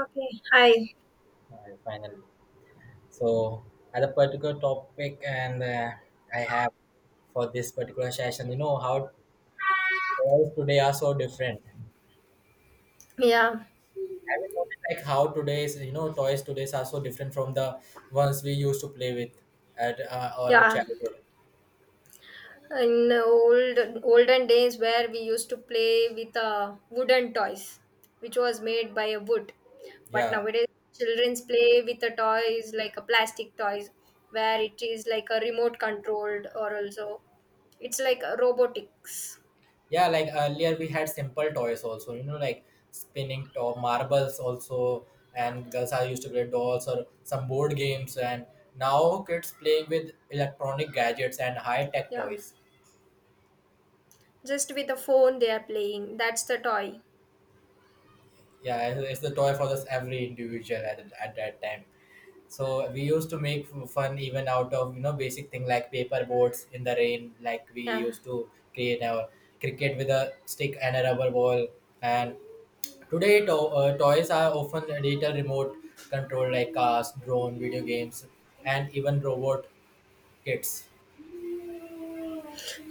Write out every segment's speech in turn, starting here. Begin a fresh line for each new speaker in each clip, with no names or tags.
Okay, hi.
Finally, so at a particular topic, and I have for this particular session, you know how toys today are so different.
Yeah,
Have you noticed like how today's you know toys today's are so different from the ones we used to play with at our
yeah.
childhood?
In the old olden days, where we used to play with wooden toys, which was made by a wood, but
Yeah,
nowadays childrens play with the toys like a plastic toys, where it is like a remote controlled or also it's like a robotics.
yeah. Like earlier, we had simple toys also. You know, like spinning top marbles also,
Yeah,
and girls are used to play dolls or some board games and now kids playing with electronic gadgets and high tech
yeah.
toys.
Just with a phone they are playing. That's the toy.
Yeah, it's the toy for this every individual at, at that time. So we used to make fun even out of you know basic thing like paper boards in the rain, like we
Yeah.
used to create our cricket with a stick and a rubber ball. And today, toys are often digital remote control like cars, drone, video games, and even robot kits.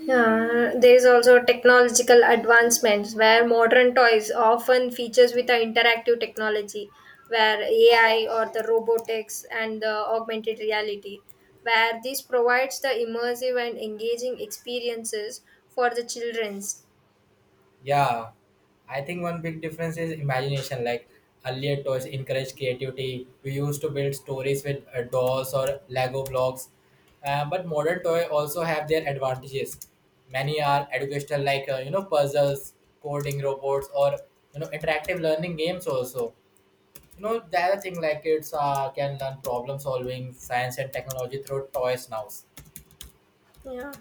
Yeah, there is also technological advancements where modern toys often features with the interactive technology, where AI or the robotics and the augmented reality, where this provides the immersive and engaging experiences for the childrens.
Yeah, I think one big difference is imagination. Like earlier, toys encourage creativity. We used to build stories with dolls or Lego blocks, but modern toy also have their advantages. Many are educational, like you know puzzles, coding robots, or you know interactive learning games. Also, you know the other thing like kids can learn problem solving, science, and technology through toys now.
Yeah.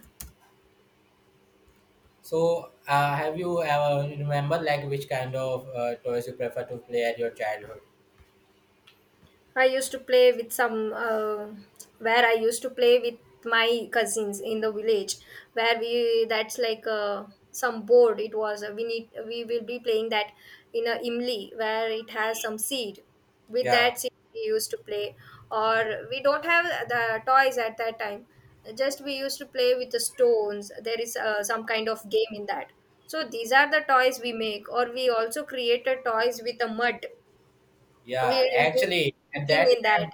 So, have you ever remember like which kind of toys you prefer to play at your childhood?
I used to play with some, where I used to play with my cousins in the village, where we, that's like some board. It was we will be playing that in a imli, where it has some seed. With
Yeah,
that seed we used to play, or we don't have the toys at that time. Just we used to play with the stones. There is some kind of game in that, so these are the toys we make, or we also created toys with the mud. We
yeah.
will do
Actually, at
cooking
that
in that.
time,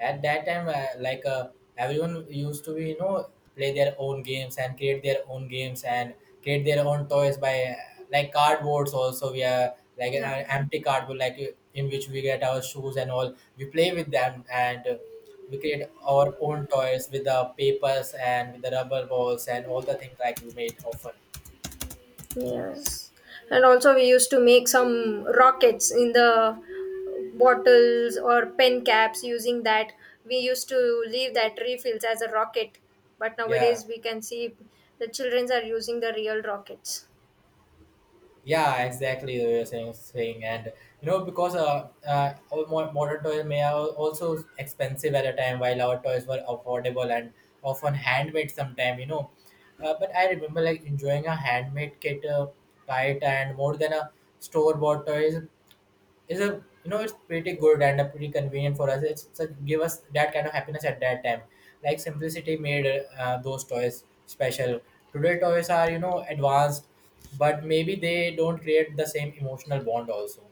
at that time like everyone used to be you know play their own games and create their own games and create their own toys by like cardboards also we are like
Yeah.
empty cardboard like in which we get our shoes and all we play with them and we create our own toys with the papers and with the rubber balls and all the things like we made often.
Yes. And also we used to make some rockets in the bottles or pen caps using that. We used to leave that refills as a rocket. But
Yeah.
nowadays we can see the childrens are using the real rockets.
Yeah, exactly the way you're saying and you know because our modern toys may are also expensive at a time while our toys were affordable and often handmade sometime you know but I remember like enjoying a handmade kite and more than a store bought toys is a you know it's pretty good and pretty convenient for us it's a, give us that kind of happiness at that time like simplicity made those toys special. Today toys are you know advanced but maybe they don't create the same emotional bond also.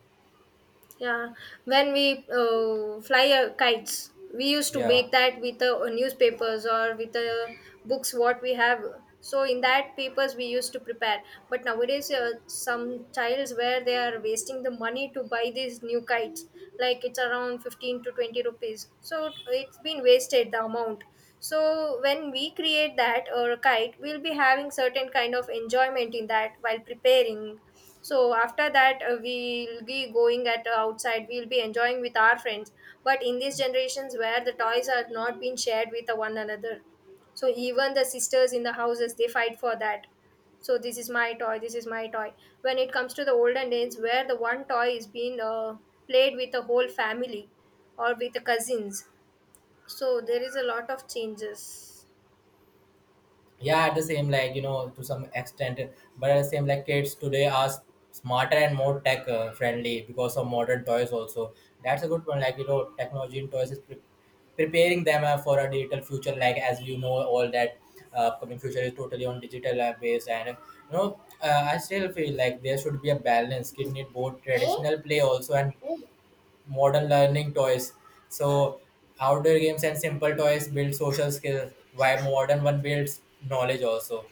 Yeah, when we fly kites, we used to
Yeah.
make that with the newspapers or with the books what we have. So in that papers we used to prepare. But nowadays, some childs where they are wasting the money to buy these new kites, like it's around 15 to 20 rupees. So it's been wasted the amount. So when we create that or a kite, we'll be having certain kind of enjoyment in that while preparing. So after that, we'll be going at, outside we'll be enjoying with our friends. But in these generations, where the toys are not being shared with one another, so even the sisters in the houses, they fight for that. So, this is my toy, this is my toy. When it comes to the olden days, where the one toy is being played with the whole family or with the cousins, so there is a lot of changes.
Yeah at the same like you know to some extent but at the same like kids today are smarter and more tech friendly because of modern toys also. That's a good one like you know technology in toys is preparing them for a digital future like as you know all that upcoming future is totally on digital base and you know I still feel like there should be a balance kid need both traditional play also and modern learning toys. So outdoor games and simple toys build social skills, while modern one builds knowledge also.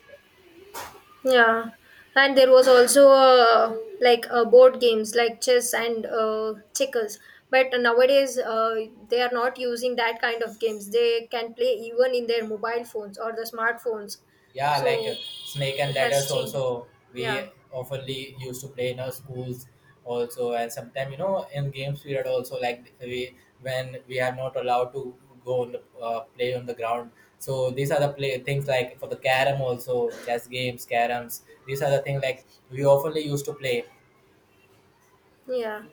Yeah, and there was also like board games like chess and checkers. But nowadays, they are not using that kind of games. They can play even in their mobile phones or the smartphones.
Yeah, like
So
snake and
it has
ladders
changed.
also we
Yeah,
oftenly used to play in our schools also, and sometimes you know in games period also like we when we are not allowed to go on the play on the ground. So these are the play things like for the carom also chess games, caroms. These are the things like we oftenly used to play.
yeah.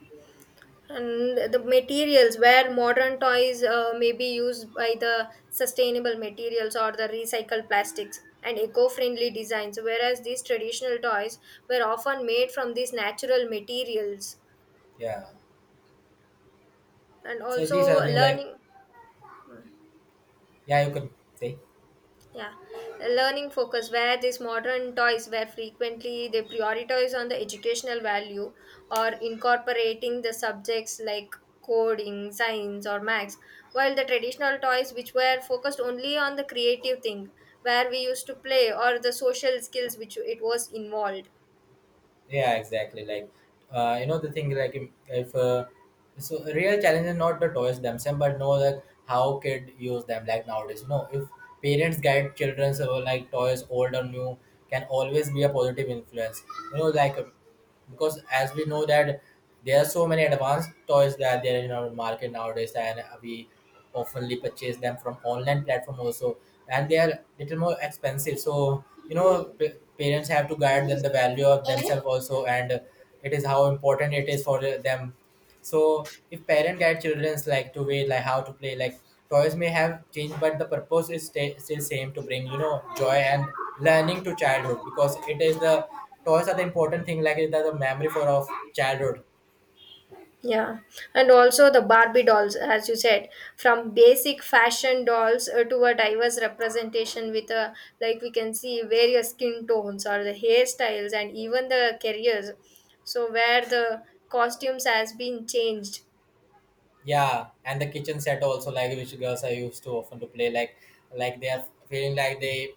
And the materials, where modern toys may be used by the sustainable materials or the recycled plastics and eco-friendly designs, whereas these traditional toys were often made from these natural materials.
Yeah.
And
So these are
also
the things like.
learning.
Yeah, you could say.
Yeah, learning focus, where these modern toys were frequently they prioritize on the educational value or incorporating the subjects like coding, science or maths, while the traditional toys which were focused only on the creative thing, where we used to play, or the social skills which it was involved.
Yeah, exactly. Like, you know, the thing like if so real challenge is not the toys themselves, but know like how kid use them. Like nowadays, you know, if parents guide children so like toys, old or new, can always be a positive influence. You know, like because as we know that there are so many advanced toys that there are in our market nowadays and we oftenly purchase them from online platform also and they are little more expensive so you know parents have to guide them the value of themselves also and it is how important it is for them so if parent guide children's like to way like how to play like toys may have changed but the purpose is sta still same to bring you know joy and learning to childhood because it is the toys are the important thing like it is the memory for of childhood.
Yeah, and also the Barbie dolls, as you said, from basic fashion dolls to a diverse representation with a, like, we can see various skin tones or the hairstyles and even the careers. So where the costumes has been changed.
Yeah and the kitchen set also like which girls are used to often to play like they are feeling like they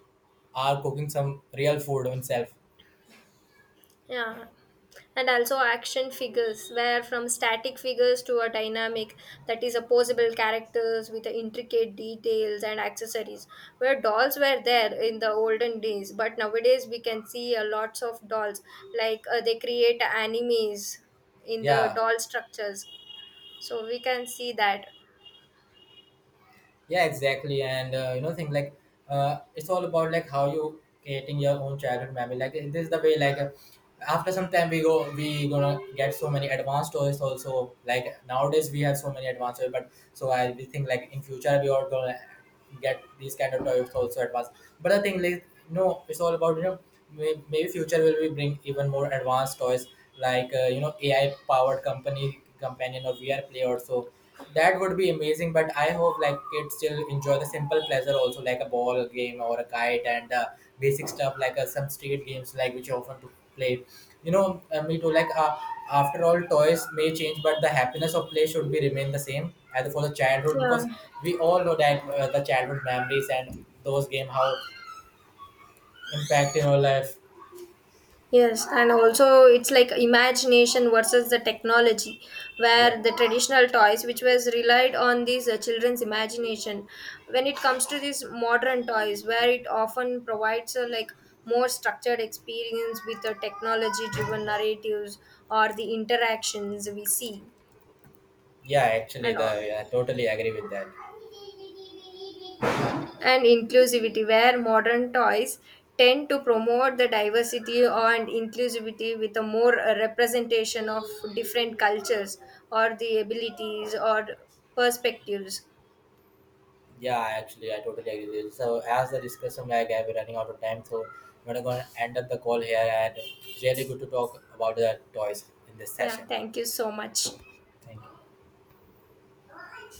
are cooking some real food themselves.
Yeah. And also action figures, where from static figures to a dynamic, that is opposable characters with the intricate details and accessories. Where dolls were there in the olden days, but nowadays we can see lots of dolls. Like they create animes in the
Yeah.
doll structures, so we can see that.
Yeah exactly and you know thing like it's all about like how you creating your own childhood memory like this is the way like after some time we go we gonna get so many advanced toys also like nowadays we have so many advanced toys but so I we think like in future we are gonna get these kind of toys also advanced but the thing like no it's all about you know maybe future will we bring even more advanced toys like you know AI powered company companion or VR play also. That would be amazing, but I hope like kids still enjoy the simple pleasure also like a ball game or a kite and basic stuff like some street games like which you often to play. You know, me too. Like after all, toys may change, but the happiness of play should be remain the same as for the childhood because
Yeah.
we all know that the childhood memories and those game how impact in our life.
Yes, and also it's like imagination versus the technology,
Yeah,
where the traditional toys, which was relied on these children's imagination, when it comes to these modern toys, where it often provides a, like, more structured experience with the technology-driven narratives or the interactions we see,
yeah. Actually,
and all.
the yeah, I totally agree with that.
And inclusivity, where modern toys tend to promote the diversity and inclusivity with a more representation of different cultures or the abilities or perspectives.
Yeah, actually, I totally agree with you. So, as the discussion, like, I've been running out of time, so we're not going to end up the call here. And really good to talk about the toys in this
Yeah,
session.
thank you so much.
Thank you.